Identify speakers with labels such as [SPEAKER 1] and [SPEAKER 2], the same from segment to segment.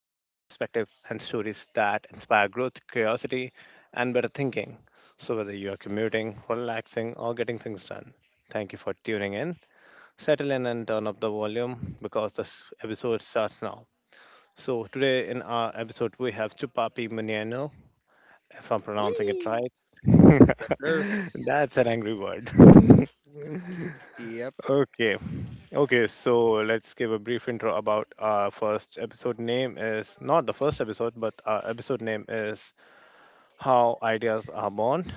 [SPEAKER 1] fresh perspective and stories that inspire growth, curiosity and better thinking. So whether you're commuting, relaxing or getting things done, thank you for tuning in. Settle in and turn up the volume because this episode starts now. So today in our episode we have Chupapi Maniano, if I'm pronouncing it
[SPEAKER 2] Whee!
[SPEAKER 1] right.
[SPEAKER 2] Yes, sir.
[SPEAKER 1] That's an angry word.
[SPEAKER 2] Yep.
[SPEAKER 1] Okay. Okay, so let's give a brief intro about our first episode name is not the first episode, but our episode name is How Ideas Are Born.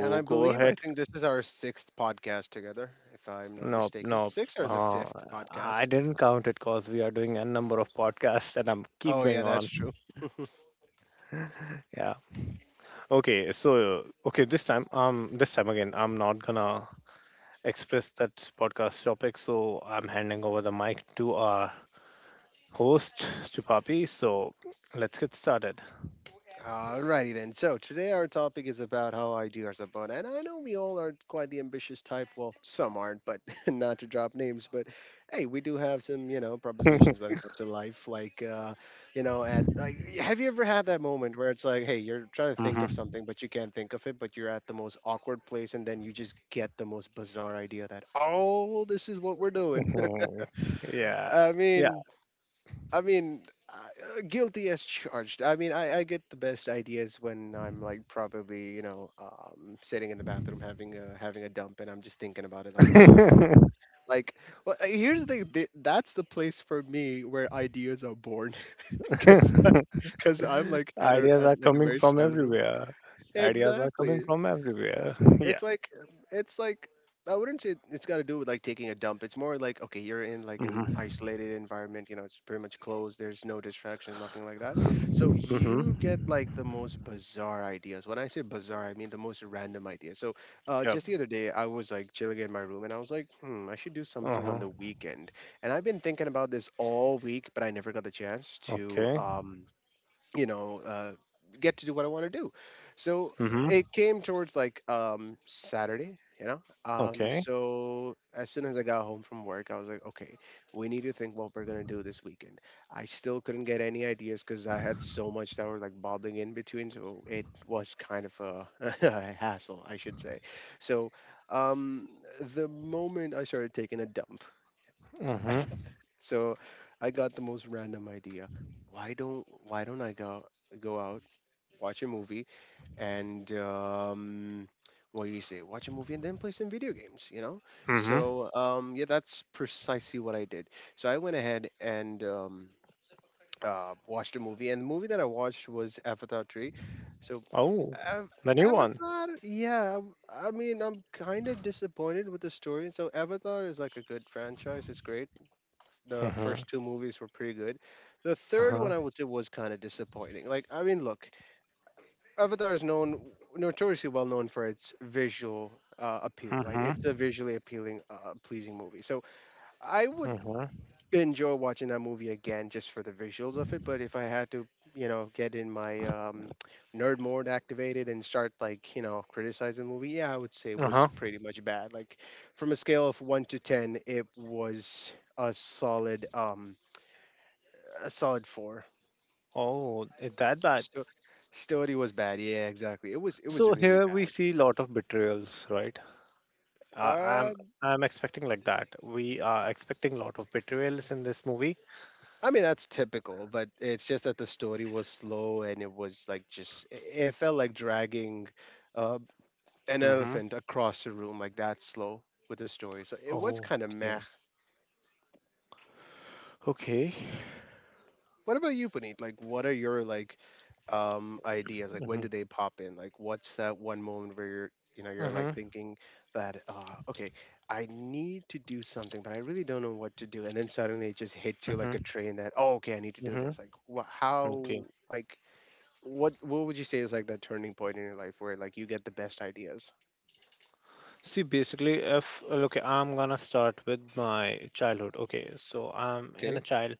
[SPEAKER 2] And I
[SPEAKER 1] go
[SPEAKER 2] believe, I
[SPEAKER 1] ahead.
[SPEAKER 2] think this is our sixth podcast together, if I'm not
[SPEAKER 1] No,
[SPEAKER 2] mistaken.
[SPEAKER 1] no.
[SPEAKER 2] Six or the
[SPEAKER 1] Uh,
[SPEAKER 2] fifth
[SPEAKER 1] I
[SPEAKER 2] podcast?
[SPEAKER 1] didn't count it because we are doing a number of podcasts and I'm keep
[SPEAKER 2] Oh, yeah,
[SPEAKER 1] going
[SPEAKER 2] that's
[SPEAKER 1] on.
[SPEAKER 2] true.
[SPEAKER 1] Yeah. Okay, so okay, this time again I'm not gonna express that podcast topic, so I'm handing over the mic to our host Chupapi. So let's get started.
[SPEAKER 2] Alrighty then. So today our topic is about how ideas are born, and I know we all are quite the ambitious type. Well, some aren't, but not to drop names. But hey, we do have some, propositions when it comes to life. Like, have you ever had that moment where it's like, hey, you're trying to think of
[SPEAKER 1] hmm
[SPEAKER 2] something, but you can't think of it, but you're at the most awkward place, and then you just get the most bizarre idea that, oh, this is what we're doing?
[SPEAKER 1] Mhm. Yeah,
[SPEAKER 2] I
[SPEAKER 1] yeah.
[SPEAKER 2] mean. I mean, guilty as charged. I mean, I get the best ideas when I'm like probably sitting in the bathroom having a dump, and I'm just thinking about it like hmm. Like, well, here's the thing. That's the place for me where ideas are born, because because I'm like
[SPEAKER 1] Ideas
[SPEAKER 2] at
[SPEAKER 1] are
[SPEAKER 2] like a
[SPEAKER 1] coming
[SPEAKER 2] very
[SPEAKER 1] from
[SPEAKER 2] sunroom.
[SPEAKER 1] everywhere. Ideas are coming
[SPEAKER 2] Exactly,
[SPEAKER 1] from everywhere. Yeah.
[SPEAKER 2] it's like it's like I wouldn't say it's got to do with like taking a dump. It's more like okay, you're in like an
[SPEAKER 1] hmm
[SPEAKER 2] isolated environment. You know, it's pretty much closed. There's no distractions, nothing like that. So you get
[SPEAKER 1] Mm-hmm.
[SPEAKER 2] like the most bizarre ideas. When I say bizarre, I mean the most random ideas. So
[SPEAKER 1] Yep.
[SPEAKER 2] just the other day, I was like chilling in my room, and I was like, hmm, I should do something on
[SPEAKER 1] Uh-huh.
[SPEAKER 2] the weekend. And I've been thinking about this all week, but I never got the chance to
[SPEAKER 1] Okay.
[SPEAKER 2] you know uh, get to do what I want to do, so
[SPEAKER 1] hmm
[SPEAKER 2] it came towards like Saturday.
[SPEAKER 1] Okay.
[SPEAKER 2] So as soon as I got home from work, I was like okay, we need to think what we're going to do this weekend. I still couldn't get any ideas because I had so much that were like bobbling in between, so it was kind of a hassle I should say. So um the moment I started taking a dump,
[SPEAKER 1] Mm-hmm.
[SPEAKER 2] so I got the most random idea. Why don't I go out, watch a movie, and what do you say? Watch a movie and then play some video games. You know,
[SPEAKER 1] hmm
[SPEAKER 2] so yeah, that's precisely what I did. So I went ahead and watched a movie, and the movie that I watched was Avatar Three. So
[SPEAKER 1] Oh,
[SPEAKER 2] Av-
[SPEAKER 1] the new one.
[SPEAKER 2] Avatar, yeah, I mean, I'm kind of disappointed with the story. So Avatar is like a good franchise; it's great. The
[SPEAKER 1] Mm-hmm.
[SPEAKER 2] first two movies were pretty good. The third
[SPEAKER 1] Uh-huh.
[SPEAKER 2] one, I would say, was kind of disappointing. Like, I mean, look, Avatar is known notoriously well known for its visual appeal. Like it's a
[SPEAKER 1] hmm
[SPEAKER 2] visually appealing, pleasing movie. So I would
[SPEAKER 1] Mm-hmm.
[SPEAKER 2] enjoy watching that movie again just for the visuals of it. But if I had to, get in my nerd mode activated and start like criticizing the movie, yeah, I would say it was
[SPEAKER 1] Uh-huh.
[SPEAKER 2] pretty much bad. Like from a scale of one to ten, it was a solid four.
[SPEAKER 1] Oh, it that bad.
[SPEAKER 2] Sto- Story was bad. Yeah, exactly. It was
[SPEAKER 1] So
[SPEAKER 2] really
[SPEAKER 1] here we
[SPEAKER 2] bad.
[SPEAKER 1] see lot of betrayals, right? Uh,
[SPEAKER 2] Uh,
[SPEAKER 1] I'm I'm expecting like that. We are expecting a lot of betrayals in this movie.
[SPEAKER 2] I mean, that's typical, but it's just that the story was slow and it was like it felt like dragging uh, an
[SPEAKER 1] Mm-hmm.
[SPEAKER 2] elephant across the room, like that slow with the story. So it was kind of meh.
[SPEAKER 1] Okay. Okay.
[SPEAKER 2] What about you, Puneet? Like, what are your like ideas? Like, when
[SPEAKER 1] Mm-hmm.
[SPEAKER 2] do they pop in? Like, what's that one moment where you're, you know, you're like
[SPEAKER 1] Mm-hmm.
[SPEAKER 2] thinking that, okay, I need to do something, but I really don't know what to do. And then suddenly it just hits you like a
[SPEAKER 1] Mm-hmm.
[SPEAKER 2] train that, oh, okay, I need to do this. Like,
[SPEAKER 1] Mm-hmm.
[SPEAKER 2] what, how,
[SPEAKER 1] Okay.
[SPEAKER 2] like, what would you say is like that turning point in your life where like you get the best ideas?
[SPEAKER 1] See, basically, if okay, I'm gonna start with my childhood. Okay, so I'm in a
[SPEAKER 2] Okay.
[SPEAKER 1] child.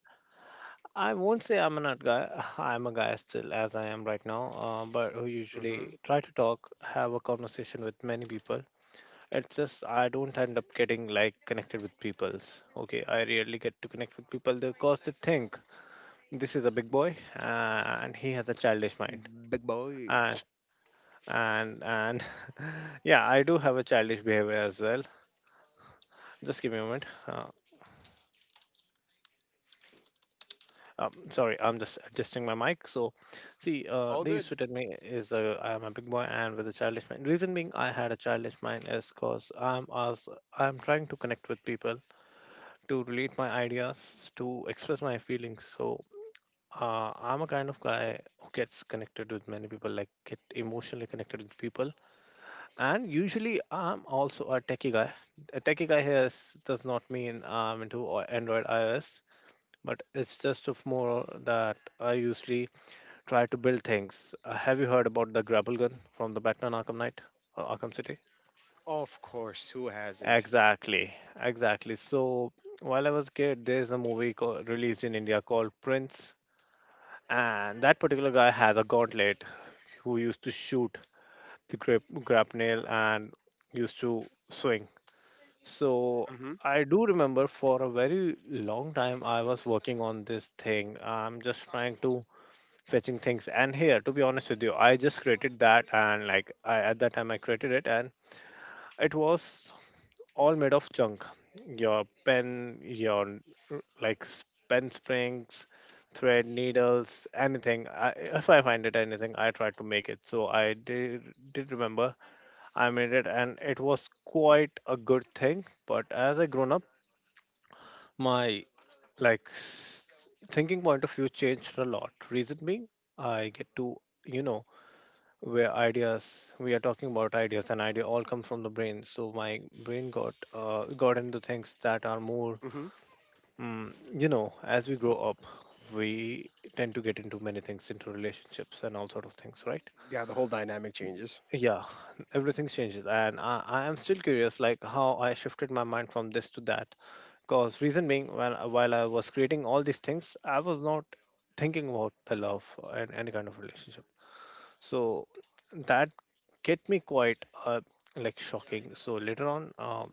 [SPEAKER 1] I won't say I'm an art guy. I'm a guy still, as I am right now. But who
[SPEAKER 2] Mm-hmm.
[SPEAKER 1] usually try to talk, have a conversation with many people. It's just I don't end up getting like connected with peoples. Okay, I rarely get to connect with people because they think this is a big boy and he has a childish mind.
[SPEAKER 2] Big boy.
[SPEAKER 1] And and yeah, I do have a childish behavior as well. Just give me a moment. Sorry, I'm just adjusting my mic. So, see,
[SPEAKER 2] All
[SPEAKER 1] they used
[SPEAKER 2] good.
[SPEAKER 1] to tell me is I am a big boy and with a childish mind. Reason being, I had a childish mind is because I'm trying to connect with people to relate my ideas, to express my feelings. So I'm a kind of guy who gets connected with many people, like get emotionally connected with people. And usually, I'm also a techie guy. A techie guy here is, does not mean I'm into Android iOS, but it's just of more that I usually try to build things. Have you heard about the grapple gun from the Batman Arkham Knight or Arkham City?
[SPEAKER 2] Of course, who hasn't?
[SPEAKER 1] Exactly, exactly. So while I was a kid, there's a movie released in India called Prince. And that particular guy has a gauntlet who used to shoot the grapnel and used to swing. So
[SPEAKER 2] Mm-hmm.
[SPEAKER 1] I do remember for a very long time I was working on this thing. I'm just trying to fetching things. And here, to be honest with you, I just created that and like I at that time I created it and it was all made of junk. Your pen, your pen springs, thread, needles, anything. If I find it anything, I try to make it. So did remember I made it, and it was quite a good thing. But as I grown up, my like s- thinking point of view changed a lot. Reason being, I get to you know where ideas we are talking about ideas and idea all comes from the brain. So my brain got into things that are more
[SPEAKER 2] Mm-hmm.
[SPEAKER 1] you know, as we grow up we tend to get into many things, into relationships and all sort of things, right?
[SPEAKER 2] Yeah, the whole dynamic changes.
[SPEAKER 1] Yeah, everything changes and I am still curious like how I shifted my mind from this to that, because reason being when while I was creating all these things I was not thinking about the love and any kind of relationship. So that get me quite like shocking. So later on,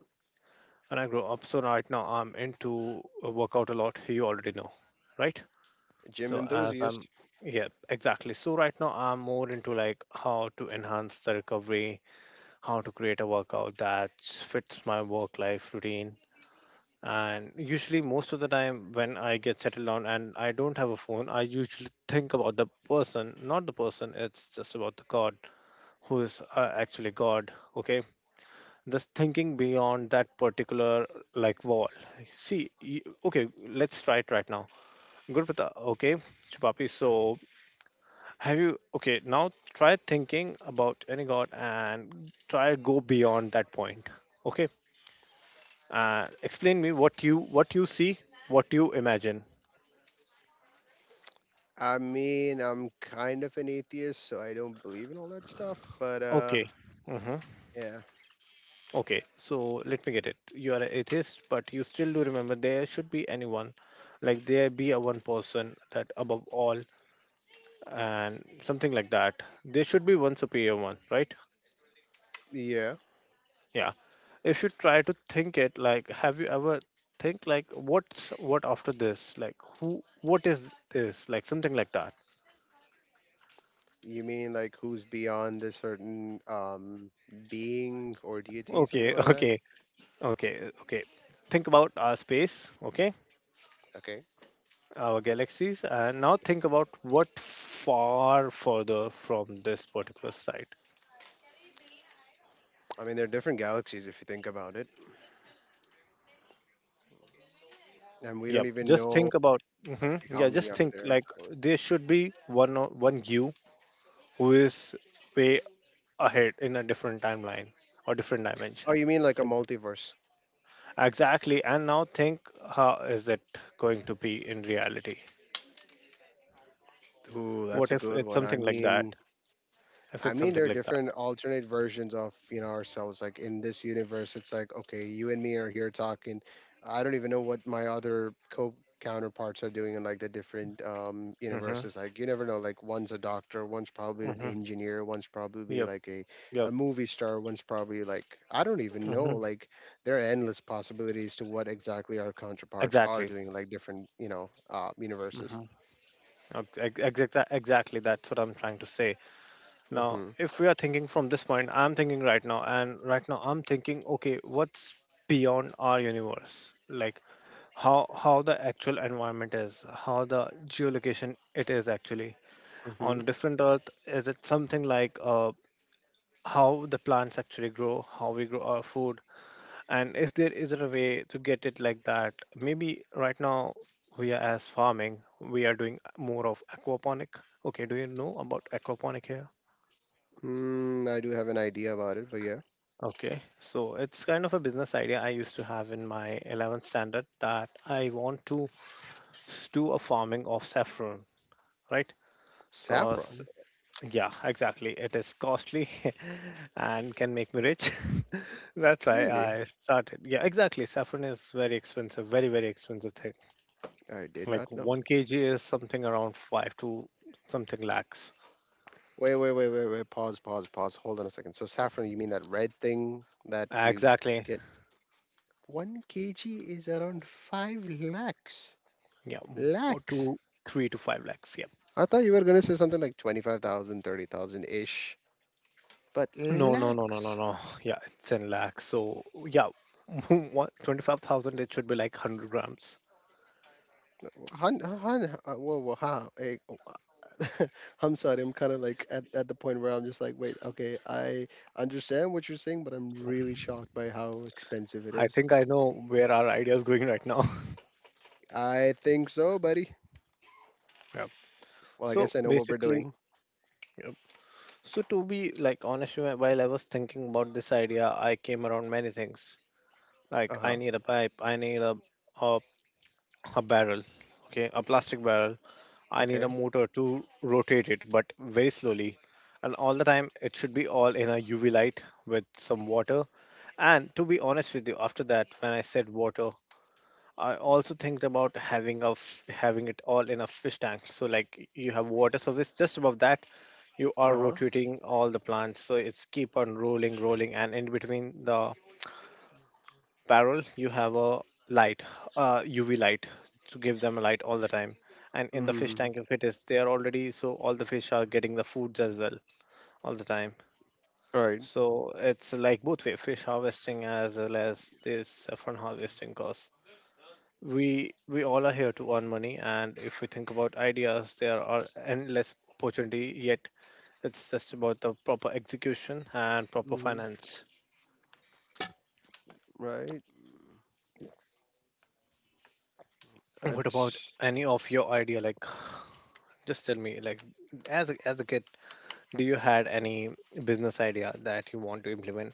[SPEAKER 1] when I grow up, so right now I'm into a workout a lot. You already know, right?
[SPEAKER 2] Gym
[SPEAKER 1] So
[SPEAKER 2] enthusiast.
[SPEAKER 1] yeah, exactly. So right now I'm more into like how to enhance the recovery, how to create a workout that fits my work life routine. And usually, most of the time when I get settled down and I don't have a phone, I usually think about the person, not the person. It's just about the God who is actually god. Okay, this thinking beyond that particular like wall. Okay, let's try it right now. Gurupata. Okay. Chupapi. So have you okay now try thinking about any god and try go beyond that point. Okay, uh, explain me what you see, what you imagine.
[SPEAKER 2] I mean, I'm kind of an atheist, so I don't believe in all that stuff. But
[SPEAKER 1] Okay. Mm-hmm.
[SPEAKER 2] yeah,
[SPEAKER 1] Okay, so let me get it. You are an atheist, but you still do remember there should be anyone, like there be a one person that above all, and something like that. There should be one superior one, right?
[SPEAKER 2] yeah.
[SPEAKER 1] Yeah. If you try to think it, like, have you ever think like, what's what after this? Like, who? What is this? Like something like that.
[SPEAKER 2] You mean like who's beyond a certain being or deity, something
[SPEAKER 1] Okay,
[SPEAKER 2] like that?
[SPEAKER 1] okay. Think about our space. Okay,
[SPEAKER 2] Okay.
[SPEAKER 1] our galaxies and now think about what far further from this particular site.
[SPEAKER 2] I mean, there are different galaxies if you think about it, and we don't
[SPEAKER 1] Yep,
[SPEAKER 2] even
[SPEAKER 1] just
[SPEAKER 2] know
[SPEAKER 1] think about.
[SPEAKER 2] exactly how
[SPEAKER 1] Yeah,
[SPEAKER 2] many
[SPEAKER 1] just
[SPEAKER 2] are
[SPEAKER 1] think
[SPEAKER 2] there
[SPEAKER 1] like
[SPEAKER 2] exactly?
[SPEAKER 1] there should be one you who is way ahead in a different timeline or different
[SPEAKER 2] Oh,
[SPEAKER 1] dimension
[SPEAKER 2] you mean like a
[SPEAKER 1] like that.
[SPEAKER 2] multiverse?
[SPEAKER 1] Exactly, and now think how is it going to be in reality.
[SPEAKER 2] Ooh, that's
[SPEAKER 1] What
[SPEAKER 2] a
[SPEAKER 1] if
[SPEAKER 2] good
[SPEAKER 1] it's
[SPEAKER 2] one.
[SPEAKER 1] something like that? If
[SPEAKER 2] I
[SPEAKER 1] it's
[SPEAKER 2] mean, there
[SPEAKER 1] something
[SPEAKER 2] are
[SPEAKER 1] like that
[SPEAKER 2] different alternate versions of ourselves. Like in this universe, it's like okay, you and me are here talking. I don't even know what my other co counterparts are doing in like the different
[SPEAKER 1] mm-hmm,
[SPEAKER 2] universes. Like you never know. Like one's a doctor, one's probably an
[SPEAKER 1] mm-hmm,
[SPEAKER 2] engineer, one's probably
[SPEAKER 1] yep, yep,
[SPEAKER 2] a movie star, one's probably like I don't even know.
[SPEAKER 1] mm-hmm,
[SPEAKER 2] Like there are endless possibilities to what exactly our counterparts are
[SPEAKER 1] exactly.
[SPEAKER 2] doing. Like different universes.
[SPEAKER 1] Mm-hmm. Exactly, exactly. That's what I'm trying to say. Now,
[SPEAKER 2] Mm-hmm.
[SPEAKER 1] if we are thinking from this point, I'm thinking right now, and right now I'm thinking, okay, what's beyond our universe? Like how the actual environment is, how the geolocation it is actually
[SPEAKER 2] Mm-hmm.
[SPEAKER 1] on a different Earth. Is it something like how the plants actually grow, how we grow our food, and if there isn't a way to get it like that, maybe right now we are as farming, we are doing more of aquaponic. Okay, do you know about aquaponic here?
[SPEAKER 2] Mm, I do have an idea about it, but yeah.
[SPEAKER 1] Okay, so it's kind of a business idea I used to have in my 11th standard that I want to do a farming of saffron, right? Because,
[SPEAKER 2] Saffron?
[SPEAKER 1] yeah, exactly, it is costly and can make me rich. That's why
[SPEAKER 2] Really?
[SPEAKER 1] I started. Yeah, exactly. Saffron is very expensive, very, very expensive thing.
[SPEAKER 2] I did
[SPEAKER 1] Like
[SPEAKER 2] not know.
[SPEAKER 1] one kg is something around five to something lakhs.
[SPEAKER 2] Wait, wait, wait, wait, wait. Pause, pause, pause. Hold on a second. So saffron, you mean that red thing that you
[SPEAKER 1] Exactly.
[SPEAKER 2] get? One kg is around five lakhs.
[SPEAKER 1] Yeah, or
[SPEAKER 2] Lakhs.
[SPEAKER 1] three to five lakhs. Yeah.
[SPEAKER 2] I thought you were gonna say something like 25,000, 30,000 ish, but
[SPEAKER 1] No, no, no, no, no,
[SPEAKER 2] lakhs.
[SPEAKER 1] no. Yeah, it's in lakhs. So yeah, 125,000. It should be like 100 grams.
[SPEAKER 2] Hun, hun, whoa, whoa, how? Eh, oh, I'm sorry. I'm kind of like at the point where I'm just like, wait, okay, I understand what you're saying, but I'm really shocked by how expensive it
[SPEAKER 1] I
[SPEAKER 2] is.
[SPEAKER 1] think I know where our idea is going right now.
[SPEAKER 2] I think so, buddy.
[SPEAKER 1] Yeah.
[SPEAKER 2] Well, I
[SPEAKER 1] So
[SPEAKER 2] guess I know what we're
[SPEAKER 1] basically,
[SPEAKER 2] doing.
[SPEAKER 1] yep, so to be like honest, while I was thinking about this idea, I came around many things.
[SPEAKER 2] Uh
[SPEAKER 1] Like
[SPEAKER 2] huh.
[SPEAKER 1] I need a pipe, I need a a barrel, okay, a plastic barrel. I need
[SPEAKER 2] Okay.
[SPEAKER 1] a motor to rotate it, but very slowly. And all the time, it should be all in a UV light with some water. And to be honest with you, after that, when I said water, I also think about having a having it all in a fish tank. So like you have water service just above that, you are
[SPEAKER 2] Uh huh.
[SPEAKER 1] rotating all the plants, so it's keep on rolling, rolling, and in between the barrel you have a light, UV light, to give them a light all the time. And in the fish
[SPEAKER 2] Mm-hmm.
[SPEAKER 1] tank, if it is there already, so all the fish are getting the foods as well all the time.
[SPEAKER 2] Right.
[SPEAKER 1] So it's like both way fish harvesting as well as this saffron harvesting. Cause we all are here to earn money, and if we think about ideas there are endless opportunity, yet it's just about the proper execution and proper
[SPEAKER 2] Mm-hmm.
[SPEAKER 1] finance.
[SPEAKER 2] Right.
[SPEAKER 1] What about
[SPEAKER 2] That's.
[SPEAKER 1] any of your idea? Like just tell me, like, as a kid, do you had any business idea that you want to implement?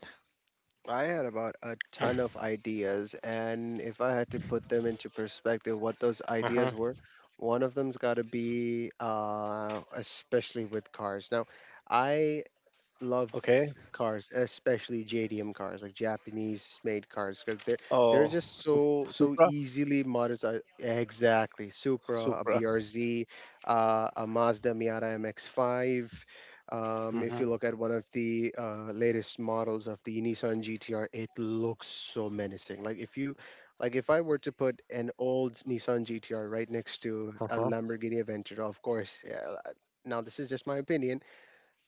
[SPEAKER 2] I had about a ton of ideas, and if I had to put them into perspective, what those
[SPEAKER 1] Uh-huh.
[SPEAKER 2] ideas were, one of them's got to be, especially with cars. Now, I love
[SPEAKER 1] Okay.
[SPEAKER 2] cars, especially JDM cars, like Japanese made cars, because they're
[SPEAKER 1] Oh,
[SPEAKER 2] just so
[SPEAKER 1] Supra?
[SPEAKER 2] easily modified. Exactly, Supra, a
[SPEAKER 1] Supra.
[SPEAKER 2] BRZ, a Mazda Miata MX-5. If
[SPEAKER 1] Mm-hmm.
[SPEAKER 2] you look at one of the latest models of the Nissan GTR, it looks so menacing. Like if you like if I were to put an old Nissan GTR right next to a
[SPEAKER 1] Uh-huh.
[SPEAKER 2] Lamborghini Aventador, of course, yeah, now this is just my opinion,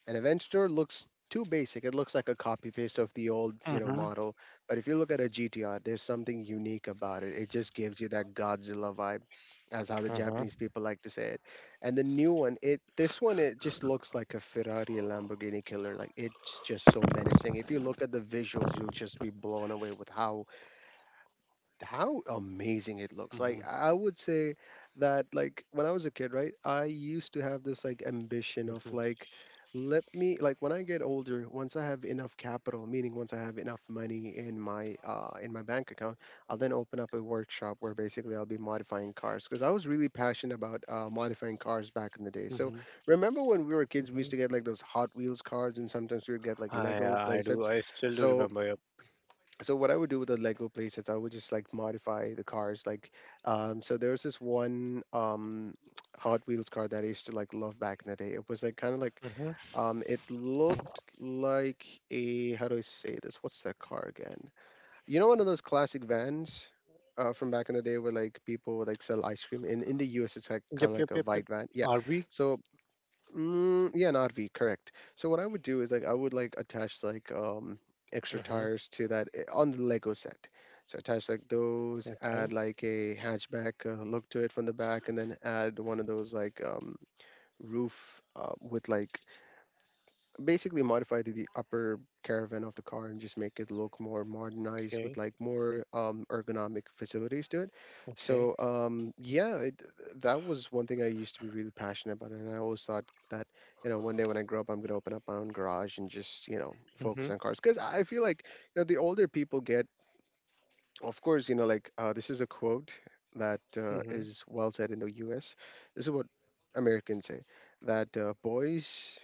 [SPEAKER 2] an event store looks too basic. It looks like a copy paste of the old, you know,
[SPEAKER 1] Mm-hmm.
[SPEAKER 2] model. But if you look at a GTR, there's something unique about it. It just gives you that Godzilla vibe, as how the
[SPEAKER 1] Uh-huh.
[SPEAKER 2] Japanese people like to say it. And the new one, it this one, it just looks like a Ferrari and Lamborghini killer. Like it's just so menacing. If you look at the visuals, you'll just be blown away with how amazing it looks. Like
[SPEAKER 1] Mm-hmm.
[SPEAKER 2] I would say that, like, when I was a kid, right, I used to have this like ambition of
[SPEAKER 1] Mm-hmm.
[SPEAKER 2] like, let me like when I get older, once I have enough capital, meaning once I have enough money in my bank account, I'll then open up a workshop where basically I'll be modifying cars, because I was really passionate about modifying cars back in the day. So
[SPEAKER 1] Mm-hmm.
[SPEAKER 2] remember when we were kids, we
[SPEAKER 1] Mm-hmm.
[SPEAKER 2] used to get like those Hot Wheels cars, and sometimes we would get like Lego
[SPEAKER 1] I do.
[SPEAKER 2] playsets.
[SPEAKER 1] I still do
[SPEAKER 2] So
[SPEAKER 1] remember. Yep.
[SPEAKER 2] what I would do with the Lego playsets, I would just like modify the cars. Like, so there was this one Hot Wheels car that I used to like love back in the day. It was like kind of like
[SPEAKER 1] Mm-hmm.
[SPEAKER 2] it looked like a, how do I say this? What's that car again? You know, one of those classic vans. From back in the day, where like people would like sell ice cream in the U.S., it's like kind
[SPEAKER 1] Yep.
[SPEAKER 2] of
[SPEAKER 1] Yep.
[SPEAKER 2] like a
[SPEAKER 1] Yep. Yep.
[SPEAKER 2] white van. Yeah,
[SPEAKER 1] RB.
[SPEAKER 2] so Mm, yeah, an RV, correct. So what I would do is like I would like attach like extra
[SPEAKER 1] Mm-hmm.
[SPEAKER 2] tires to that, on the Lego set. So attach like those,
[SPEAKER 1] Okay.
[SPEAKER 2] add like a hatchback, look to it from the back, and then add one of those like roof, with like basically modify the upper caravan of the car and just make it look more modernized
[SPEAKER 1] Okay.
[SPEAKER 2] with like more ergonomic facilities to it.
[SPEAKER 1] Okay.
[SPEAKER 2] So um, yeah, it, that was one thing I used to be really passionate about, and I always thought that you know one day when I grow up, I'm gonna open up my own garage and just you know
[SPEAKER 1] Mm-hmm.
[SPEAKER 2] focus on cars because I feel like you know the older people get, of course, you know like this is a quote that
[SPEAKER 1] Mm-hmm.
[SPEAKER 2] is well said in the U.S. This is what Americans say that boys,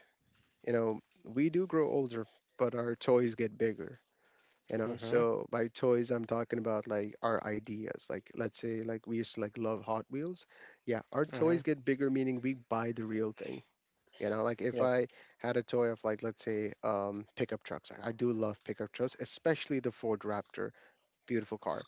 [SPEAKER 2] you know, we do grow older, but our toys get bigger. You know,
[SPEAKER 1] Mm-hmm.
[SPEAKER 2] so by toys, I'm talking about like our ideas. Like, let's say, like we used to like love Hot Wheels. Yeah, our
[SPEAKER 1] Mm-hmm.
[SPEAKER 2] toys get bigger, meaning we buy the real thing. You know, like if
[SPEAKER 1] Yep.
[SPEAKER 2] I had a toy of like, let's say, pickup trucks. I do love pickup trucks, especially the Ford Raptor, beautiful car.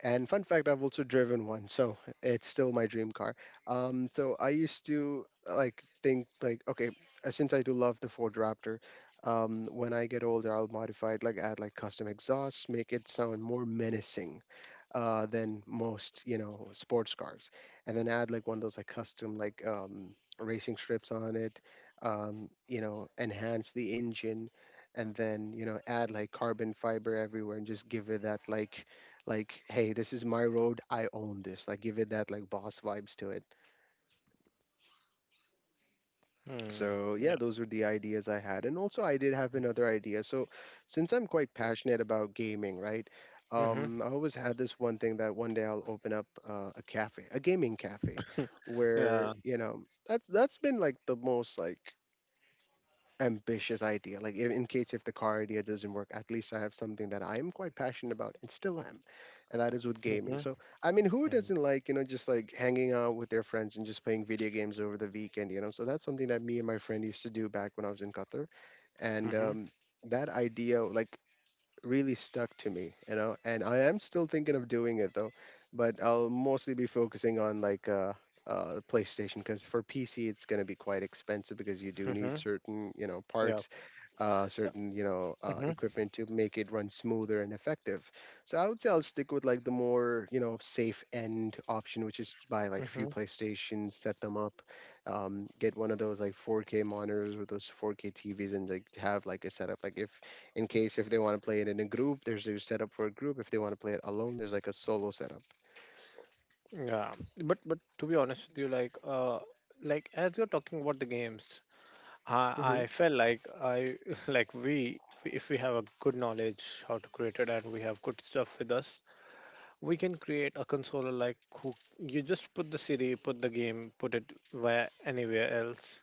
[SPEAKER 2] And fun fact, I've also driven one, so it's still my dream car. So I used to like think like, okay, since I do love the Ford Raptor, when I get older, I'll modify it, like add like custom exhaust, make it sound more menacing than most, you know, sports cars. And then add like one of those like custom like racing strips on it, you know, enhance the engine, and then you know add like carbon fiber everywhere and just give it that like hey, this is my road, I own this, like give it that like boss vibes to it.
[SPEAKER 1] Hmm.
[SPEAKER 2] So
[SPEAKER 1] Yeah.
[SPEAKER 2] yeah, those were the ideas I had, and also I did have another idea. So since I'm quite passionate about gaming, right?
[SPEAKER 1] Mm-hmm.
[SPEAKER 2] I always had this one thing that one day I'll open up a cafe, a gaming cafe,
[SPEAKER 1] Yeah.
[SPEAKER 2] where you know that's been like the most like ambitious idea. Like in case if the car idea doesn't work, at least I have something that I am quite passionate about and still am, and that is with
[SPEAKER 1] Mm-hmm.
[SPEAKER 2] gaming. So I mean, who doesn't like you know just like hanging out with their friends and just playing video games over the weekend? You know, so that's something that me and my friend used to do back when I was in Qatar, and
[SPEAKER 1] Mm-hmm.
[SPEAKER 2] that idea like really stuck to me, you know, and I am still thinking of doing it though, but I'll mostly be focusing on like the PlayStation because for PC it's going to be quite expensive because you do
[SPEAKER 1] Mm-hmm.
[SPEAKER 2] need certain, you know,
[SPEAKER 1] Yeah.
[SPEAKER 2] parts, certain, you know, equipment to make it run smoother and effective. So I would say I'll stick with like the more, you know, safe end option, which is to buy like
[SPEAKER 1] Mm-hmm.
[SPEAKER 2] few PlayStations, set them up, get one of those like 4K monitors or those 4K TVs and like have like a setup. Like if in case if they want to play it in a group, there's a setup for a group. If they want to play it alone, there's like a solo setup.
[SPEAKER 1] Yeah, but to be honest with you, like as you're talking about the games, I
[SPEAKER 2] Mm-hmm.
[SPEAKER 1] felt like I like we if we have a good knowledge how to create it and we have good stuff with us, we can create a controller like who you just put the CD, put the game, put it where anywhere else.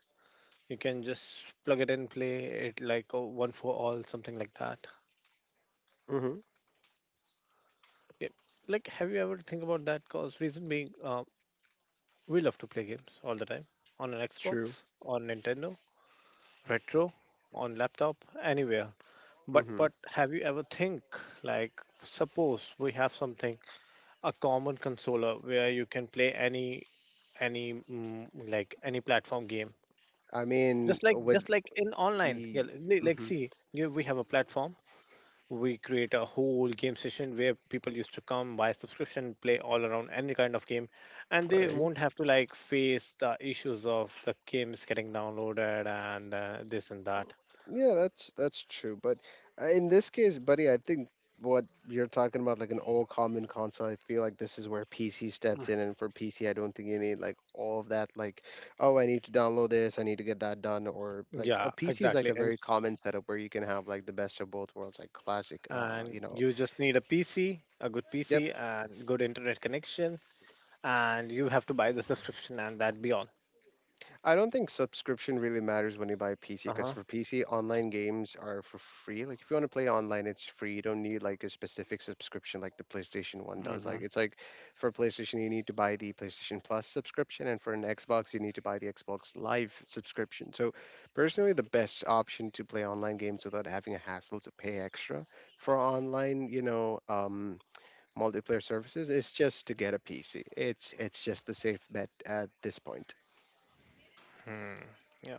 [SPEAKER 1] You can just plug it in, play it like a one for all, something like that.
[SPEAKER 2] Mm-hmm.
[SPEAKER 1] Yeah. Like, have you ever think about that? Cause reason being, we love to play games all the time on an
[SPEAKER 2] True.
[SPEAKER 1] Xbox, on Nintendo, retro, on laptop, anywhere. But
[SPEAKER 2] Mm-hmm.
[SPEAKER 1] but have you ever think like suppose we have something a common consoler where you can play any any, like any platform game
[SPEAKER 2] I
[SPEAKER 1] just
[SPEAKER 2] mean
[SPEAKER 1] like just
[SPEAKER 2] with
[SPEAKER 1] like in online, yeah.
[SPEAKER 2] the
[SPEAKER 1] Like
[SPEAKER 2] mm-hmm.
[SPEAKER 1] see, yeah, we have a platform. We create a whole game session where people used to come, buy subscription, play all around any kind of game, and they
[SPEAKER 2] Right.
[SPEAKER 1] won't have to like face the issues of the games getting downloaded and this and that.
[SPEAKER 2] Yeah, that's true, but in this case, buddy, I think what you're talking about like an all common console, I feel like this is where PC steps in, and for PC, I don't think you need like all of that, like oh, I need to download this, I need to get that done, or like
[SPEAKER 1] Yeah,
[SPEAKER 2] a PC is
[SPEAKER 1] exactly.
[SPEAKER 2] like a
[SPEAKER 1] And
[SPEAKER 2] very common setup where you can have like the best of both worlds, like classic
[SPEAKER 1] and
[SPEAKER 2] you know.
[SPEAKER 1] you just need a PC, a good
[SPEAKER 2] Yep.
[SPEAKER 1] PC, and good internet connection, and you have to buy the subscription and that be all.
[SPEAKER 2] I don't think subscription really matters when you buy a PC because
[SPEAKER 1] Uh-huh.
[SPEAKER 2] for PC, online games are for free. Like if you want to play online, it's free. You don't need like a specific subscription like the PlayStation One does.
[SPEAKER 1] Mm-hmm.
[SPEAKER 2] Like it's like for PlayStation, you need to buy the PlayStation Plus subscription, and for an Xbox, you need to buy the Xbox Live subscription. So personally, the best option to play online games without having a hassle to pay extra for online, you know, multiplayer services is just to get a PC. It's just the safe bet at this point.
[SPEAKER 1] Hmm. Yep,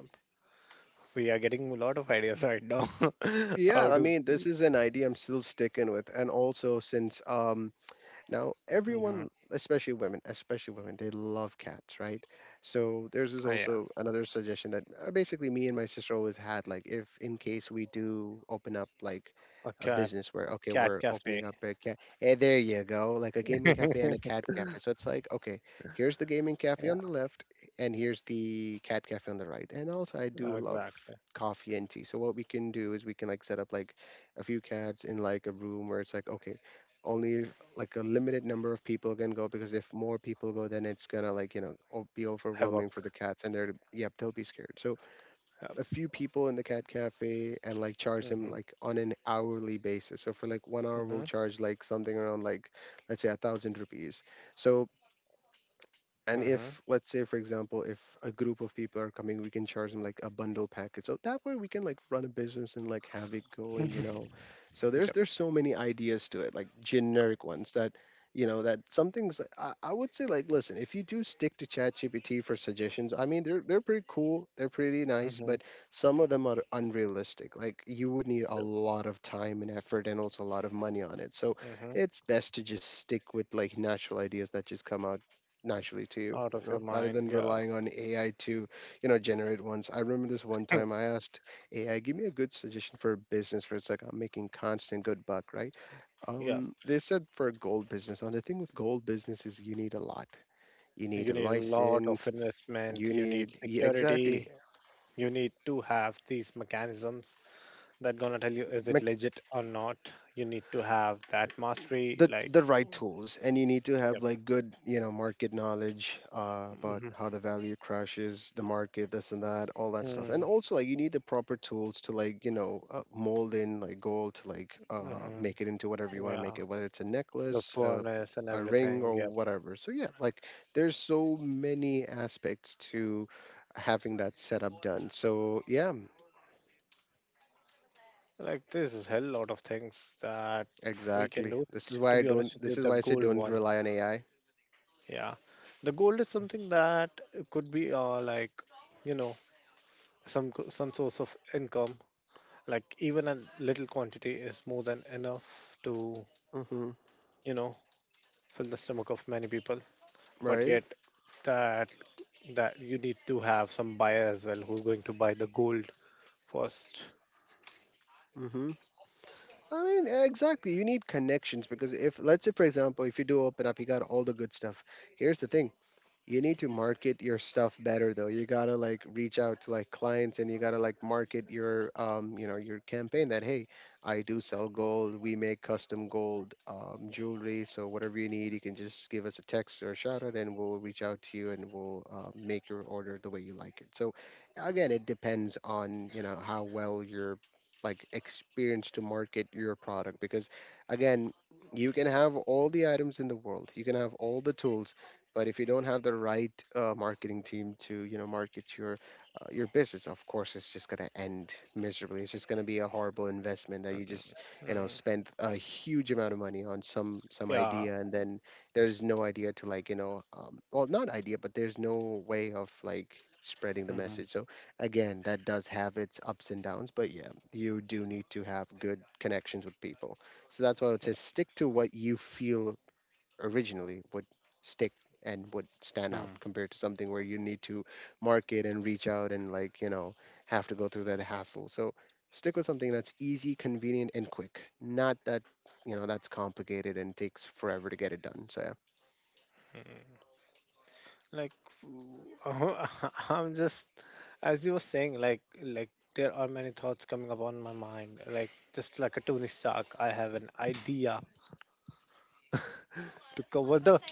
[SPEAKER 1] we are getting a lot of ideas right now how
[SPEAKER 2] Yeah, I
[SPEAKER 1] to…
[SPEAKER 2] mean, this is an idea I'm still sticking with. And also, since now,
[SPEAKER 1] Mm-hmm.
[SPEAKER 2] everyone, especially women, they love cats, right? So there's
[SPEAKER 1] Oh
[SPEAKER 2] this
[SPEAKER 1] yeah.
[SPEAKER 2] also another suggestion that basically me and my sister always had, like if in case we do open up like
[SPEAKER 1] A
[SPEAKER 2] a
[SPEAKER 1] cat,
[SPEAKER 2] business where okay,
[SPEAKER 1] cat
[SPEAKER 2] we're
[SPEAKER 1] cafe.
[SPEAKER 2] opening up a cat, hey, there you go, like a gaming cafe and a cat cafe. So it's like okay, here's the gaming cafe on the left, and here's the cat cafe on the right. And also, I do love
[SPEAKER 1] Exactly.
[SPEAKER 2] coffee and tea. So what we can do is we can like set up like a few cats in like a room where it's like okay, only like a limited number of people can go because if more people go then it's gonna like you know o- be overwhelming for
[SPEAKER 1] Havoc.
[SPEAKER 2] the cats and they're yep they'll be scared, so
[SPEAKER 1] Yep.
[SPEAKER 2] a few people in the cat cafe, and like charge
[SPEAKER 1] Mhm.
[SPEAKER 2] them like on an hourly basis, so for like 1 hour
[SPEAKER 1] Mhm.
[SPEAKER 2] we'll charge like something around like let's say 1,000 rupees. So and
[SPEAKER 1] Mhm.
[SPEAKER 2] if let's say for example if a group of people are coming, we can charge them like a bundle package, so that way we can like run a business and like have it going, you know. So
[SPEAKER 1] Yep.
[SPEAKER 2] there's so many ideas to it, like generic ones that you know that some things like, I would say like listen, if you do stick to ChatGPT for suggestions, I mean they're pretty cool, they're pretty nice,
[SPEAKER 1] Mhm.
[SPEAKER 2] but some of them are unrealistic. Like you would need a lot of time and effort and also a lot of money on it, so
[SPEAKER 1] Mhm.
[SPEAKER 2] it's best to just stick with like natural ideas that just come out naturally to you,
[SPEAKER 1] Out of
[SPEAKER 2] you
[SPEAKER 1] your
[SPEAKER 2] know, rather
[SPEAKER 1] mind.
[SPEAKER 2] than
[SPEAKER 1] Yeah.
[SPEAKER 2] relying on AI to, you know, generate ones. I remember this one time I asked AI, give me a good suggestion for a business where it's like I'm making constant good buck, right?
[SPEAKER 1] Yeah.
[SPEAKER 2] They said for a gold business. Now the thing with gold business is you need a lot. You
[SPEAKER 1] You
[SPEAKER 2] need a
[SPEAKER 1] need a lot of
[SPEAKER 2] license.
[SPEAKER 1] investment.
[SPEAKER 2] You
[SPEAKER 1] You need
[SPEAKER 2] need yeah, exactly
[SPEAKER 1] security. You need to have these mechanisms that gonna tell you, is it legit or not. You need to have that mastery.
[SPEAKER 2] the
[SPEAKER 1] Like.
[SPEAKER 2] the right tools, and you need to
[SPEAKER 1] Yep.
[SPEAKER 2] have like good you know market knowledge about
[SPEAKER 1] Mhm.
[SPEAKER 2] how the value crashes the market, this and that, all that stuff. And also like you need the proper tools to like you know mold in like gold to like
[SPEAKER 1] Mhm.
[SPEAKER 2] make it into whatever you want to
[SPEAKER 1] Yeah.
[SPEAKER 2] make it, whether it's a
[SPEAKER 1] The
[SPEAKER 2] necklace,
[SPEAKER 1] furnace and
[SPEAKER 2] a ring
[SPEAKER 1] everything. Yep.
[SPEAKER 2] or whatever, so yeah like there's so many aspects to having that setup done, so yeah
[SPEAKER 1] Like this is hell lot of things that we can
[SPEAKER 2] exactly,
[SPEAKER 1] do.
[SPEAKER 2] this is
[SPEAKER 1] To
[SPEAKER 2] why I
[SPEAKER 1] be honest
[SPEAKER 2] don't,
[SPEAKER 1] with you,
[SPEAKER 2] this is
[SPEAKER 1] the
[SPEAKER 2] why I say
[SPEAKER 1] gold
[SPEAKER 2] don't
[SPEAKER 1] one.
[SPEAKER 2] rely on AI.
[SPEAKER 1] Yeah, the gold is something that could be like, you know, some some source of income. Like even a little quantity is more than enough to,
[SPEAKER 2] Hmm.
[SPEAKER 1] you know, fill the stomach of many people. But
[SPEAKER 2] Right.
[SPEAKER 1] yet that, that you need to have some buyer as well who's going to buy the gold first.
[SPEAKER 2] Mm-hmm. I mean, eh, exactly. You need connections because if, let's say, for example, if you do open up, you got all the good stuff. Here's the thing, you need to market your stuff better though. You gotta like reach out to like clients, and you gotta like market your you know your campaign that hey, I do sell gold. We make custom gold jewelry. So whatever you need, you can just give us a text or a shout out, and we'll reach out to you, and we'll make your order the way you like it. So again, it depends on you know how well you're like experienced to market your product, because again you can have all the items in the world, you can have all the tools, but if you don't have the right marketing team to, you know, market your business, of course, it's just gonna end miserably. It's just gonna be a horrible investment that you just, you know,
[SPEAKER 1] Mm,
[SPEAKER 2] spend a huge amount of money on some
[SPEAKER 1] yeah.
[SPEAKER 2] idea, and then there's no idea to like, you know, well, not idea, but there's no way of like spreading the
[SPEAKER 1] Hmm.
[SPEAKER 2] message. So again, that does have its ups and downs, but yeah, you do need to have good connections with people. So that's why I would say stick to what you feel originally would stick and would stand out, compared to something where you need to market and reach out and like you know have to go through that hassle, so stick with something that's easy, convenient and quick, not that you know that's complicated and takes forever to get it done, so yeah.
[SPEAKER 1] Like I'm just, as you were saying, like there are many thoughts coming up on my mind like just like a Tony Stark, I have an idea to cover the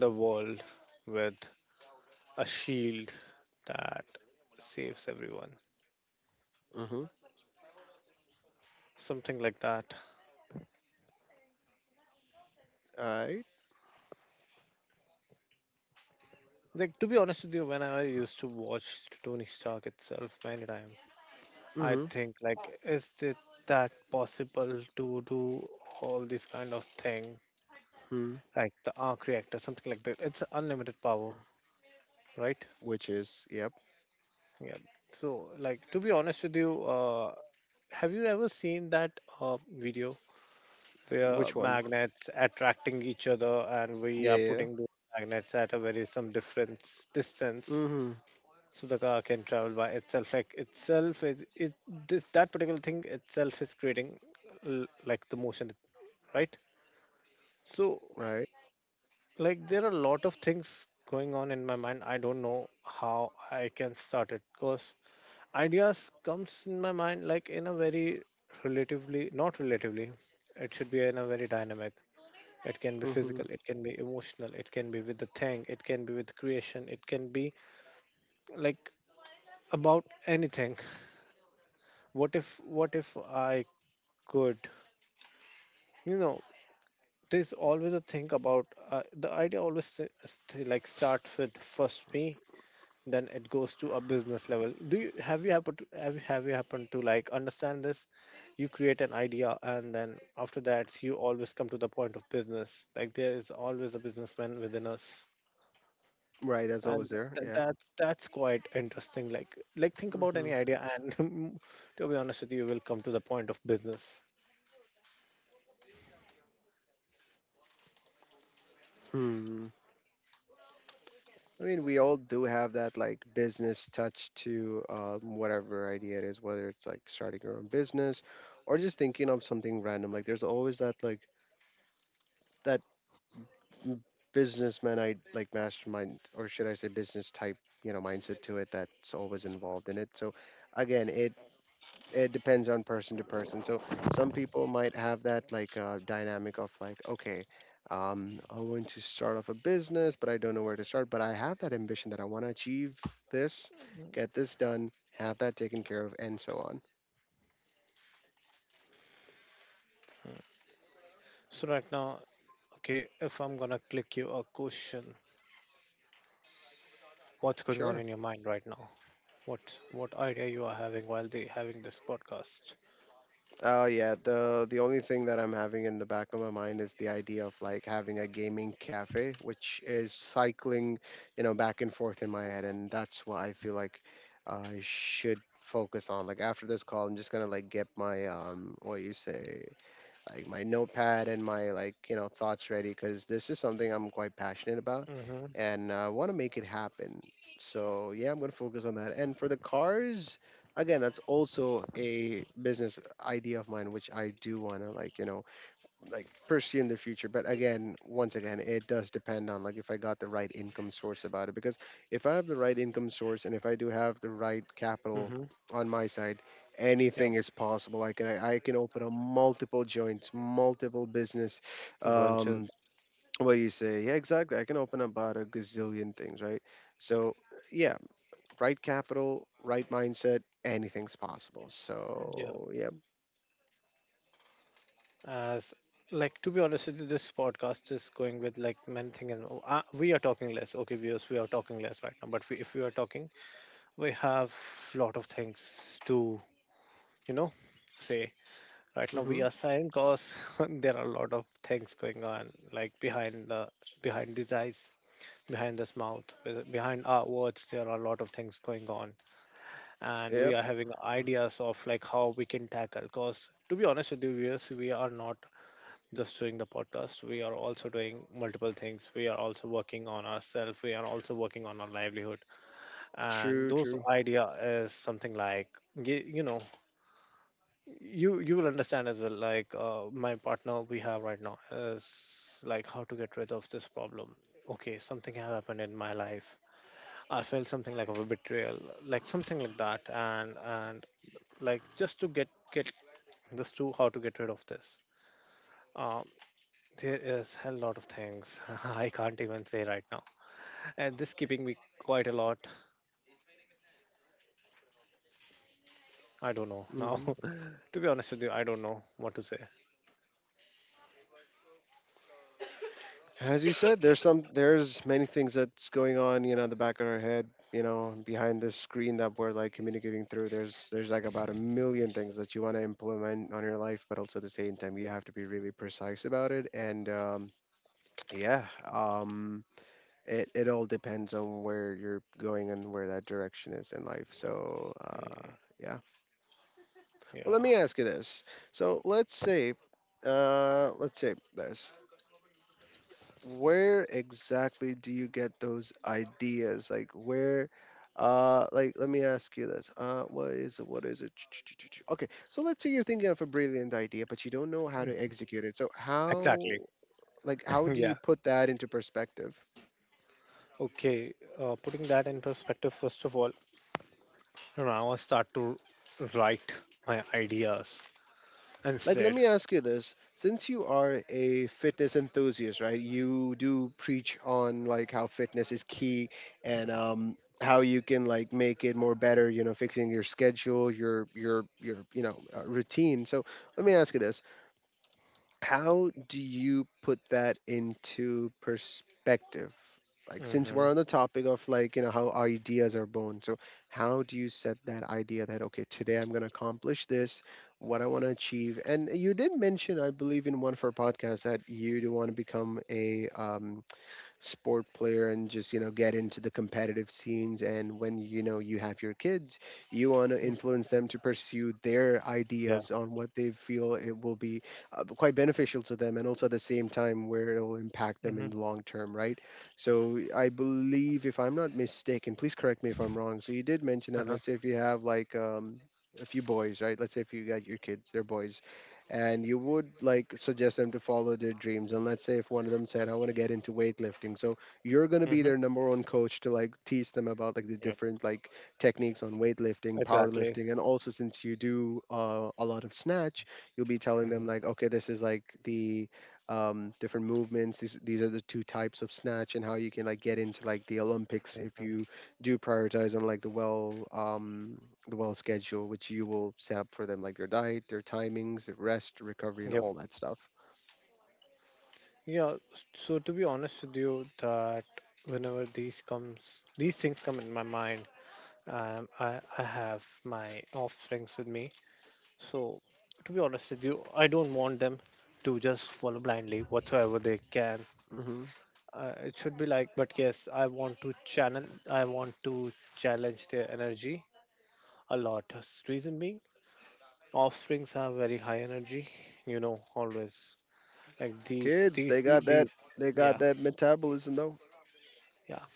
[SPEAKER 1] the world with a shield that saves everyone,
[SPEAKER 2] Mm-hmm.
[SPEAKER 1] something like that.
[SPEAKER 2] All right.
[SPEAKER 1] Like to be honest with you, when I used to watch Tony Stark itself many times, I
[SPEAKER 2] Mm-hmm.
[SPEAKER 1] think like, is it that possible to do all these kind of thing,
[SPEAKER 2] Hmm.
[SPEAKER 1] like the arc reactor, something like that. It's unlimited power, right?
[SPEAKER 2] Which is yep.
[SPEAKER 1] Yeah. So, like, to be honest with you, have you ever seen that video
[SPEAKER 2] Which
[SPEAKER 1] where
[SPEAKER 2] one.
[SPEAKER 1] magnets attracting each other and we
[SPEAKER 2] Yeah,
[SPEAKER 1] are
[SPEAKER 2] yeah.
[SPEAKER 1] putting those magnets at a very some difference distance,
[SPEAKER 2] Mm-hmm.
[SPEAKER 1] so the car can travel by itself? Like, itself, is it this, that particular thing itself is creating like the motion, right? So.
[SPEAKER 2] Right.
[SPEAKER 1] Like there are a lot of things going on in my mind. I don't know how I can start it because ideas comes in my mind like in a very relatively not relatively. It should be in a very dynamic. It can be
[SPEAKER 2] Mm-hmm.
[SPEAKER 1] physical, it can be emotional, it can be with the thing, it can be with creation, it can be like about anything. What if I could, you know, there's always a thing about the idea always like starts with first me, then it goes to a business level. Do you have, you happened to have, have you happened to like understand this? You create an idea and then after that you always come to the point of business. Like there is always a businessman within us,
[SPEAKER 2] Right, that's always
[SPEAKER 1] and
[SPEAKER 2] there, yeah.
[SPEAKER 1] that's quite interesting. Like think about
[SPEAKER 2] Mm-hmm.
[SPEAKER 1] any idea and to be honest with you, we'll come to the point of business.
[SPEAKER 2] Hmm. I mean, we all do have that like business touch to whatever idea it is, whether it's like starting your own business or just thinking of something random. Like, there's always that like that m- businessman I like mastermind, or should I say business type, you know, mindset to it that's always involved in it. So, again, it depends on person to person. So some people might have that like dynamic of like, okay, I want to start off a business, but I don't know where to start. But I have that ambition that I want to achieve this, get this done, have that taken care of, and so on.
[SPEAKER 1] So right now, okay, if I'm gonna click you a question, what's going
[SPEAKER 2] Sure.
[SPEAKER 1] on in your mind right now? What idea you are having while they having this podcast?
[SPEAKER 2] Oh yeah, the only thing that I'm having in the back of my mind is the idea of like having a gaming cafe, which is cycling, you know, back and forth in my head, and that's what I feel like I should focus on. Like after this call, I'm just gonna like get my what you say, like my notepad and my like you know thoughts ready because this is something I'm quite passionate about,
[SPEAKER 1] Mm-hmm.
[SPEAKER 2] and I want to make it happen. So yeah, I'm gonna focus on that. And for the cars, again, that's also a business idea of mine, which I do wanna like you know like pursue in the future. But again, once again, it does depend on like if I got the right income source about it. Because if I have the right income source and if I do have the right capital
[SPEAKER 1] Mm-hmm.
[SPEAKER 2] on my side, anything
[SPEAKER 1] Yeah,
[SPEAKER 2] is possible. I can open up multiple joints, multiple business. Um,
[SPEAKER 1] brunches.
[SPEAKER 2] what do you say? Yeah, exactly. I can open up about a gazillion things, right? So yeah, right capital, right mindset, anything's possible.
[SPEAKER 1] Yeah,
[SPEAKER 2] So yeah,
[SPEAKER 1] as, like to be honest with you, this podcast is going with like many things, and oh, we are talking less. Okay, viewers, we are talking less right now. But we, if we are talking, we have lot of things to, you know, say. Right now
[SPEAKER 2] mm-hmm,
[SPEAKER 1] we are silent because there are a lot of things going on, like behind the, behind these eyes, behind this mouth, behind our words. There are a lot of things going on, and
[SPEAKER 2] yep,
[SPEAKER 1] we are having ideas of like how we can tackle, because to be honest with you viewers, we are not just doing the podcast, we are also doing multiple things, we are also working on ourselves, we are also working on our livelihood,
[SPEAKER 2] true,
[SPEAKER 1] and those
[SPEAKER 2] true.
[SPEAKER 1] idea is something like, you know, you will understand as well, like my partner we have right now is like how to get rid of this problem. Okay, something have happened in my life. I felt something like of a betrayal, like something like that, and like just to get this to, how to get rid of this, um, there is a lot of things I can't even say right now, and this keeping me quite a lot. I don't know now.
[SPEAKER 2] Mm-hmm.
[SPEAKER 1] To be honest with you, I don't know what to say.
[SPEAKER 2] As you said, there's many things that's going on, you know, in the back of our head, you know, behind this screen that we're like communicating through. There's like about a million things that you want to implement on your life, but also at the same time you have to be really precise about it. And yeah, um, it all depends on where you're going and where that direction is in life. So
[SPEAKER 1] Mm,
[SPEAKER 2] yeah. Well, let
[SPEAKER 1] yeah.
[SPEAKER 2] me ask you this. So let's say this. Where exactly do you get those ideas? Like where like let me ask you this. What is it? What is it? Ch-ch-ch-ch-ch. Okay. So let's say you're thinking of a brilliant idea, but you don't know how to execute it. So
[SPEAKER 1] Exactly.
[SPEAKER 2] how do you
[SPEAKER 1] Yeah.
[SPEAKER 2] put that into perspective?
[SPEAKER 1] Okay, putting that in perspective, first of all, now I start to write my ideas
[SPEAKER 2] Like, let
[SPEAKER 1] instead.
[SPEAKER 2] me ask you this: since you are a fitness enthusiast, right? You do preach on like how fitness is key and how you can like make it more better. You know, fixing your schedule, your you know routine. So let me ask you this: how do you put that into perspective? Like, since we're
[SPEAKER 1] Mm-hmm.
[SPEAKER 2] on the topic of like, you know, how ideas are born, so how do you set that idea that, okay, today I'm going to accomplish this, what I want to achieve? And you did mention, I believe, in one of our podcasts that you do want to become a sport player and just you know get into the competitive scenes, and when you know you have your kids you want to influence them to pursue their
[SPEAKER 1] Yeah.
[SPEAKER 2] ideas on what they feel it will be quite beneficial to them, and also at the same time where it'll impact them in
[SPEAKER 1] Mm-hmm.
[SPEAKER 2] the long term, right? So I believe if I'm not mistaken, please correct me if I'm wrong, so you did mention that,
[SPEAKER 1] Uh-huh.
[SPEAKER 2] let's say if you have like a few boys, right? Let's say if you got your kids, they're boys, and you would like suggest them to follow their dreams, and let's say if one of them said I want to get into weightlifting, so you're going to be
[SPEAKER 1] Mm-hmm.
[SPEAKER 2] their number one coach to like teach them about like the
[SPEAKER 1] Yep,
[SPEAKER 2] different like techniques on weightlifting,
[SPEAKER 1] exactly.
[SPEAKER 2] powerlifting, and also since you do a lot of snatch, you'll be telling
[SPEAKER 1] Mm-hmm.
[SPEAKER 2] them like okay this is like the different movements. These are the two types of snatch and how you can like get into like the Olympics if
[SPEAKER 1] Mm-hmm.
[SPEAKER 2] you do prioritize on like the the well schedule, which you will set up for them, like their diet, their timings, their rest, recovery, and
[SPEAKER 1] Yep.
[SPEAKER 2] all that stuff.
[SPEAKER 1] Yeah, so to be honest with you, that whenever these comes, these things come in my mind, I have my offsprings with me. So to be honest with you, I don't want them to just follow blindly whatsoever they can.
[SPEAKER 2] Hmm.
[SPEAKER 1] It should be like, but yes, I want to channel, I want to challenge their energy a lot. Reason being, offsprings have very high energy. You know, always like these,
[SPEAKER 2] Kids, they
[SPEAKER 1] these,
[SPEAKER 2] got
[SPEAKER 1] these.
[SPEAKER 2] that,
[SPEAKER 1] these
[SPEAKER 2] they got
[SPEAKER 1] Yeah.
[SPEAKER 2] that metabolism though.
[SPEAKER 1] Yeah,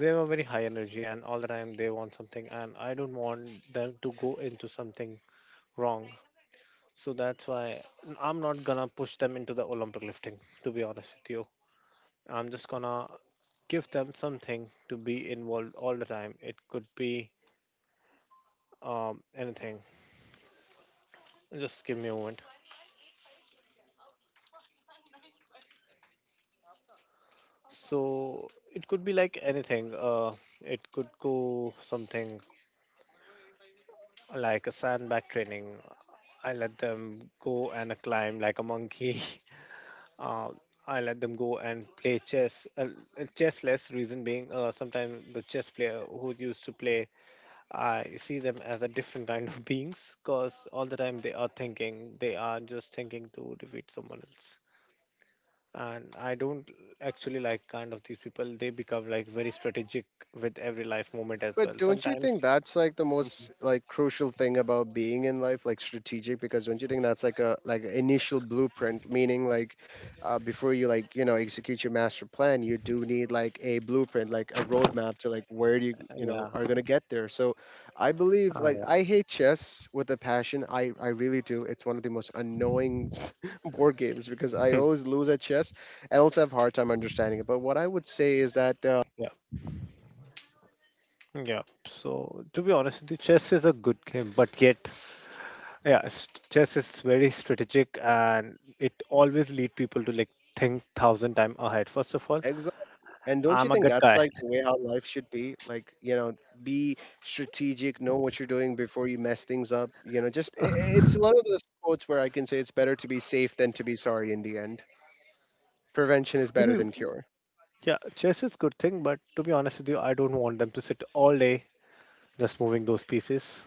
[SPEAKER 1] they were very high energy, and all the time they want something, and I don't want them to go into something wrong. So that's why I'm not gonna push them into the Olympic lifting, to be honest with you. I'm just gonna give them something to be involved all the time. It could be anything. Just give me a moment. So it could be like anything. It could go something like a sandbag training. I let them go and climb like a monkey. uh, I let them go and play chess. Chess less reason being, sometimes the chess player who used to play, I see them as a different kind of beings because all the time they are thinking, they are just thinking to defeat someone else. And I don't actually like kind of these people. They become like very strategic with every life moment as
[SPEAKER 2] But
[SPEAKER 1] well.
[SPEAKER 2] don't you think
[SPEAKER 1] Sometimes,
[SPEAKER 2] that's like the most
[SPEAKER 1] mhm.
[SPEAKER 2] like crucial thing about being in life, like strategic? Because don't you think that's like a like an initial blueprint, meaning like before you like you know execute your master plan, you do need like a blueprint, like a roadmap to like where do you you know
[SPEAKER 1] Yeah.
[SPEAKER 2] are gonna get there. So I believe
[SPEAKER 1] Ah,
[SPEAKER 2] like
[SPEAKER 1] yeah.
[SPEAKER 2] I hate chess with a passion. I really do. It's one of the most annoying board games because I always lose at chess and also have a hard time understanding it. But what I would say is that.
[SPEAKER 1] Yeah. So to be honest, the chess is a good game, but yet, yeah, chess is very strategic, and it always lead people to like think thousand time ahead. First of all,
[SPEAKER 2] And don't you
[SPEAKER 1] I'm a
[SPEAKER 2] think
[SPEAKER 1] good
[SPEAKER 2] that's
[SPEAKER 1] guy.
[SPEAKER 2] like the way how life should be? Like, you know, be strategic, know what you're doing before you mess things up. You know, just it's one of those quotes where I can say it's better to be safe than to be sorry in the end. Prevention is
[SPEAKER 1] To
[SPEAKER 2] better
[SPEAKER 1] be,
[SPEAKER 2] than cure.
[SPEAKER 1] yeah, chess is good thing, but to be honest with you, I don't want them to sit all day just moving those pieces.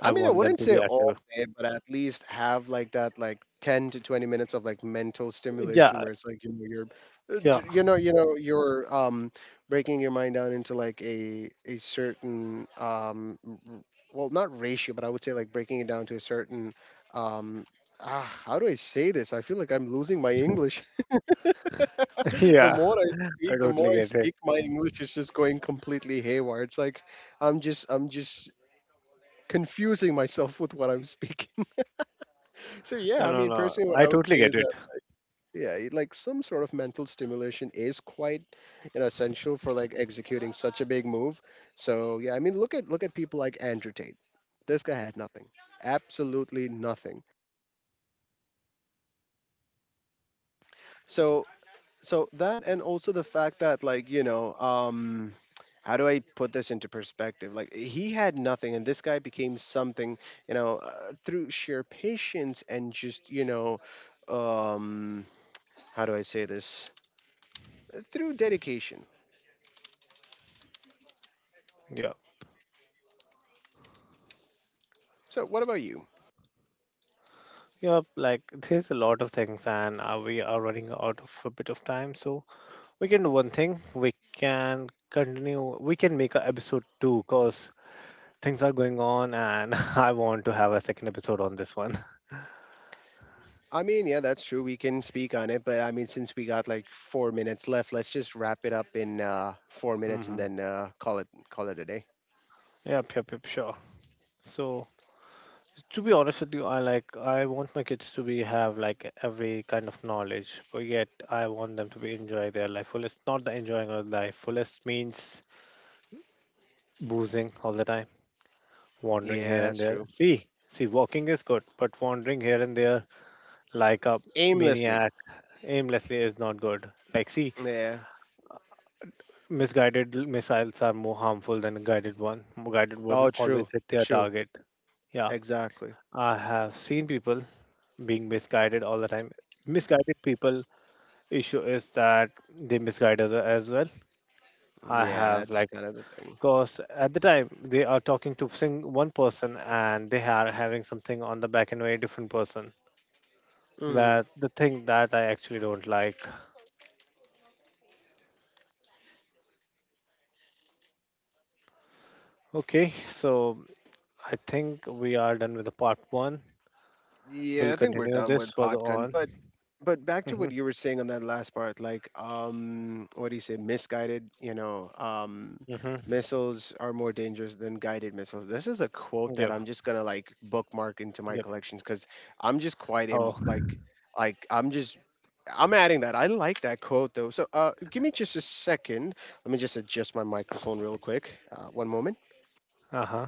[SPEAKER 1] I
[SPEAKER 2] I mean, I
[SPEAKER 1] want them
[SPEAKER 2] wouldn't
[SPEAKER 1] to
[SPEAKER 2] say
[SPEAKER 1] be
[SPEAKER 2] all
[SPEAKER 1] active.
[SPEAKER 2] day, but at least have like that, like 10 to 20 minutes of like mental stimulation,
[SPEAKER 1] Yeah,
[SPEAKER 2] where it's like you know you're,
[SPEAKER 1] yeah,
[SPEAKER 2] you know you're breaking your mind down into like a certain well not ratio, but I would say like breaking it down to a certain um ah how do I say this? I feel like I'm losing my English. the
[SPEAKER 1] yeah.
[SPEAKER 2] more I
[SPEAKER 1] I
[SPEAKER 2] speak, the more
[SPEAKER 1] totally
[SPEAKER 2] I
[SPEAKER 1] get it.
[SPEAKER 2] speak, my English is just going completely haywire. It's like I'm just confusing myself with what I'm speaking. So
[SPEAKER 1] No,
[SPEAKER 2] yeah, I
[SPEAKER 1] no,
[SPEAKER 2] mean,
[SPEAKER 1] no.
[SPEAKER 2] personally, what
[SPEAKER 1] I
[SPEAKER 2] I would
[SPEAKER 1] totally
[SPEAKER 2] say
[SPEAKER 1] get
[SPEAKER 2] is
[SPEAKER 1] it.
[SPEAKER 2] that yeah, like some sort of mental stimulation is quite, you know, essential for like executing such a big move. So yeah, I mean, look at people like Andrew Tate. This guy had nothing, absolutely nothing. So so that and also the fact that like you know, how do I put this into perspective? Like he had nothing, and this guy became something, you know, through sheer patience and just you know, um, how do I say this? Through dedication.
[SPEAKER 1] Yeah.
[SPEAKER 2] So, what about you?
[SPEAKER 1] Yeah, like there's a lot of things, and we are running out of a bit of time. So we can do one thing. We can continue. We can make a episode two, because things are going on, and I want to have a second episode on this one.
[SPEAKER 2] I mean, yeah, that's true. We can speak on it, but I mean, since we got like 4 minutes left, let's just wrap it up in four minutes and
[SPEAKER 1] Hmm.
[SPEAKER 2] then call it a day.
[SPEAKER 1] Yep, yep, yep. Sure. So to be honest with you, I like I want my kids to be have like every kind of knowledge, but yet I want them to be enjoy their life fullest. Not the enjoying of life fullest means boozing all the time, wandering here
[SPEAKER 2] Yeah, that's
[SPEAKER 1] and there.
[SPEAKER 2] true.
[SPEAKER 1] See, see, walking is good, but wandering here and there like a
[SPEAKER 2] Aimlessly.
[SPEAKER 1] maniac aimlessly is not good. Like, see,
[SPEAKER 2] Yeah.
[SPEAKER 1] misguided missiles are more harmful than a guided one. Guided one
[SPEAKER 2] Oh, true.
[SPEAKER 1] always hit their
[SPEAKER 2] True.
[SPEAKER 1] target. Yeah,
[SPEAKER 2] Exactly.
[SPEAKER 1] I have seen people being misguided all the time. Misguided people issue is that they misguide other as well. I
[SPEAKER 2] Yeah,
[SPEAKER 1] have
[SPEAKER 2] that's
[SPEAKER 1] like,
[SPEAKER 2] kind of the thing.
[SPEAKER 1] cause at the time they are talking to sing one person and they are having something on the back and very different person.
[SPEAKER 2] Mhm.
[SPEAKER 1] That the thing that I actually don't like. Okay, so I think we are done with the part one.
[SPEAKER 2] Yeah,
[SPEAKER 1] We'll
[SPEAKER 2] I think we're
[SPEAKER 1] continue
[SPEAKER 2] done
[SPEAKER 1] this
[SPEAKER 2] with
[SPEAKER 1] further
[SPEAKER 2] Podgun,
[SPEAKER 1] on.
[SPEAKER 2] but back to
[SPEAKER 1] Mm-hmm.
[SPEAKER 2] what you were saying on that last part, like what do you say, misguided, you know,
[SPEAKER 1] Mm-hmm.
[SPEAKER 2] missiles are more dangerous than guided missiles. This is a quote that
[SPEAKER 1] Yep.
[SPEAKER 2] I'm just gonna like bookmark into my
[SPEAKER 1] Yep.
[SPEAKER 2] collections because I'm just quite Im-
[SPEAKER 1] Oh.
[SPEAKER 2] like like I'm just I'm adding that. I like that quote though. So give me just a second. Let me just adjust my microphone real quick. One moment.
[SPEAKER 1] Uh huh.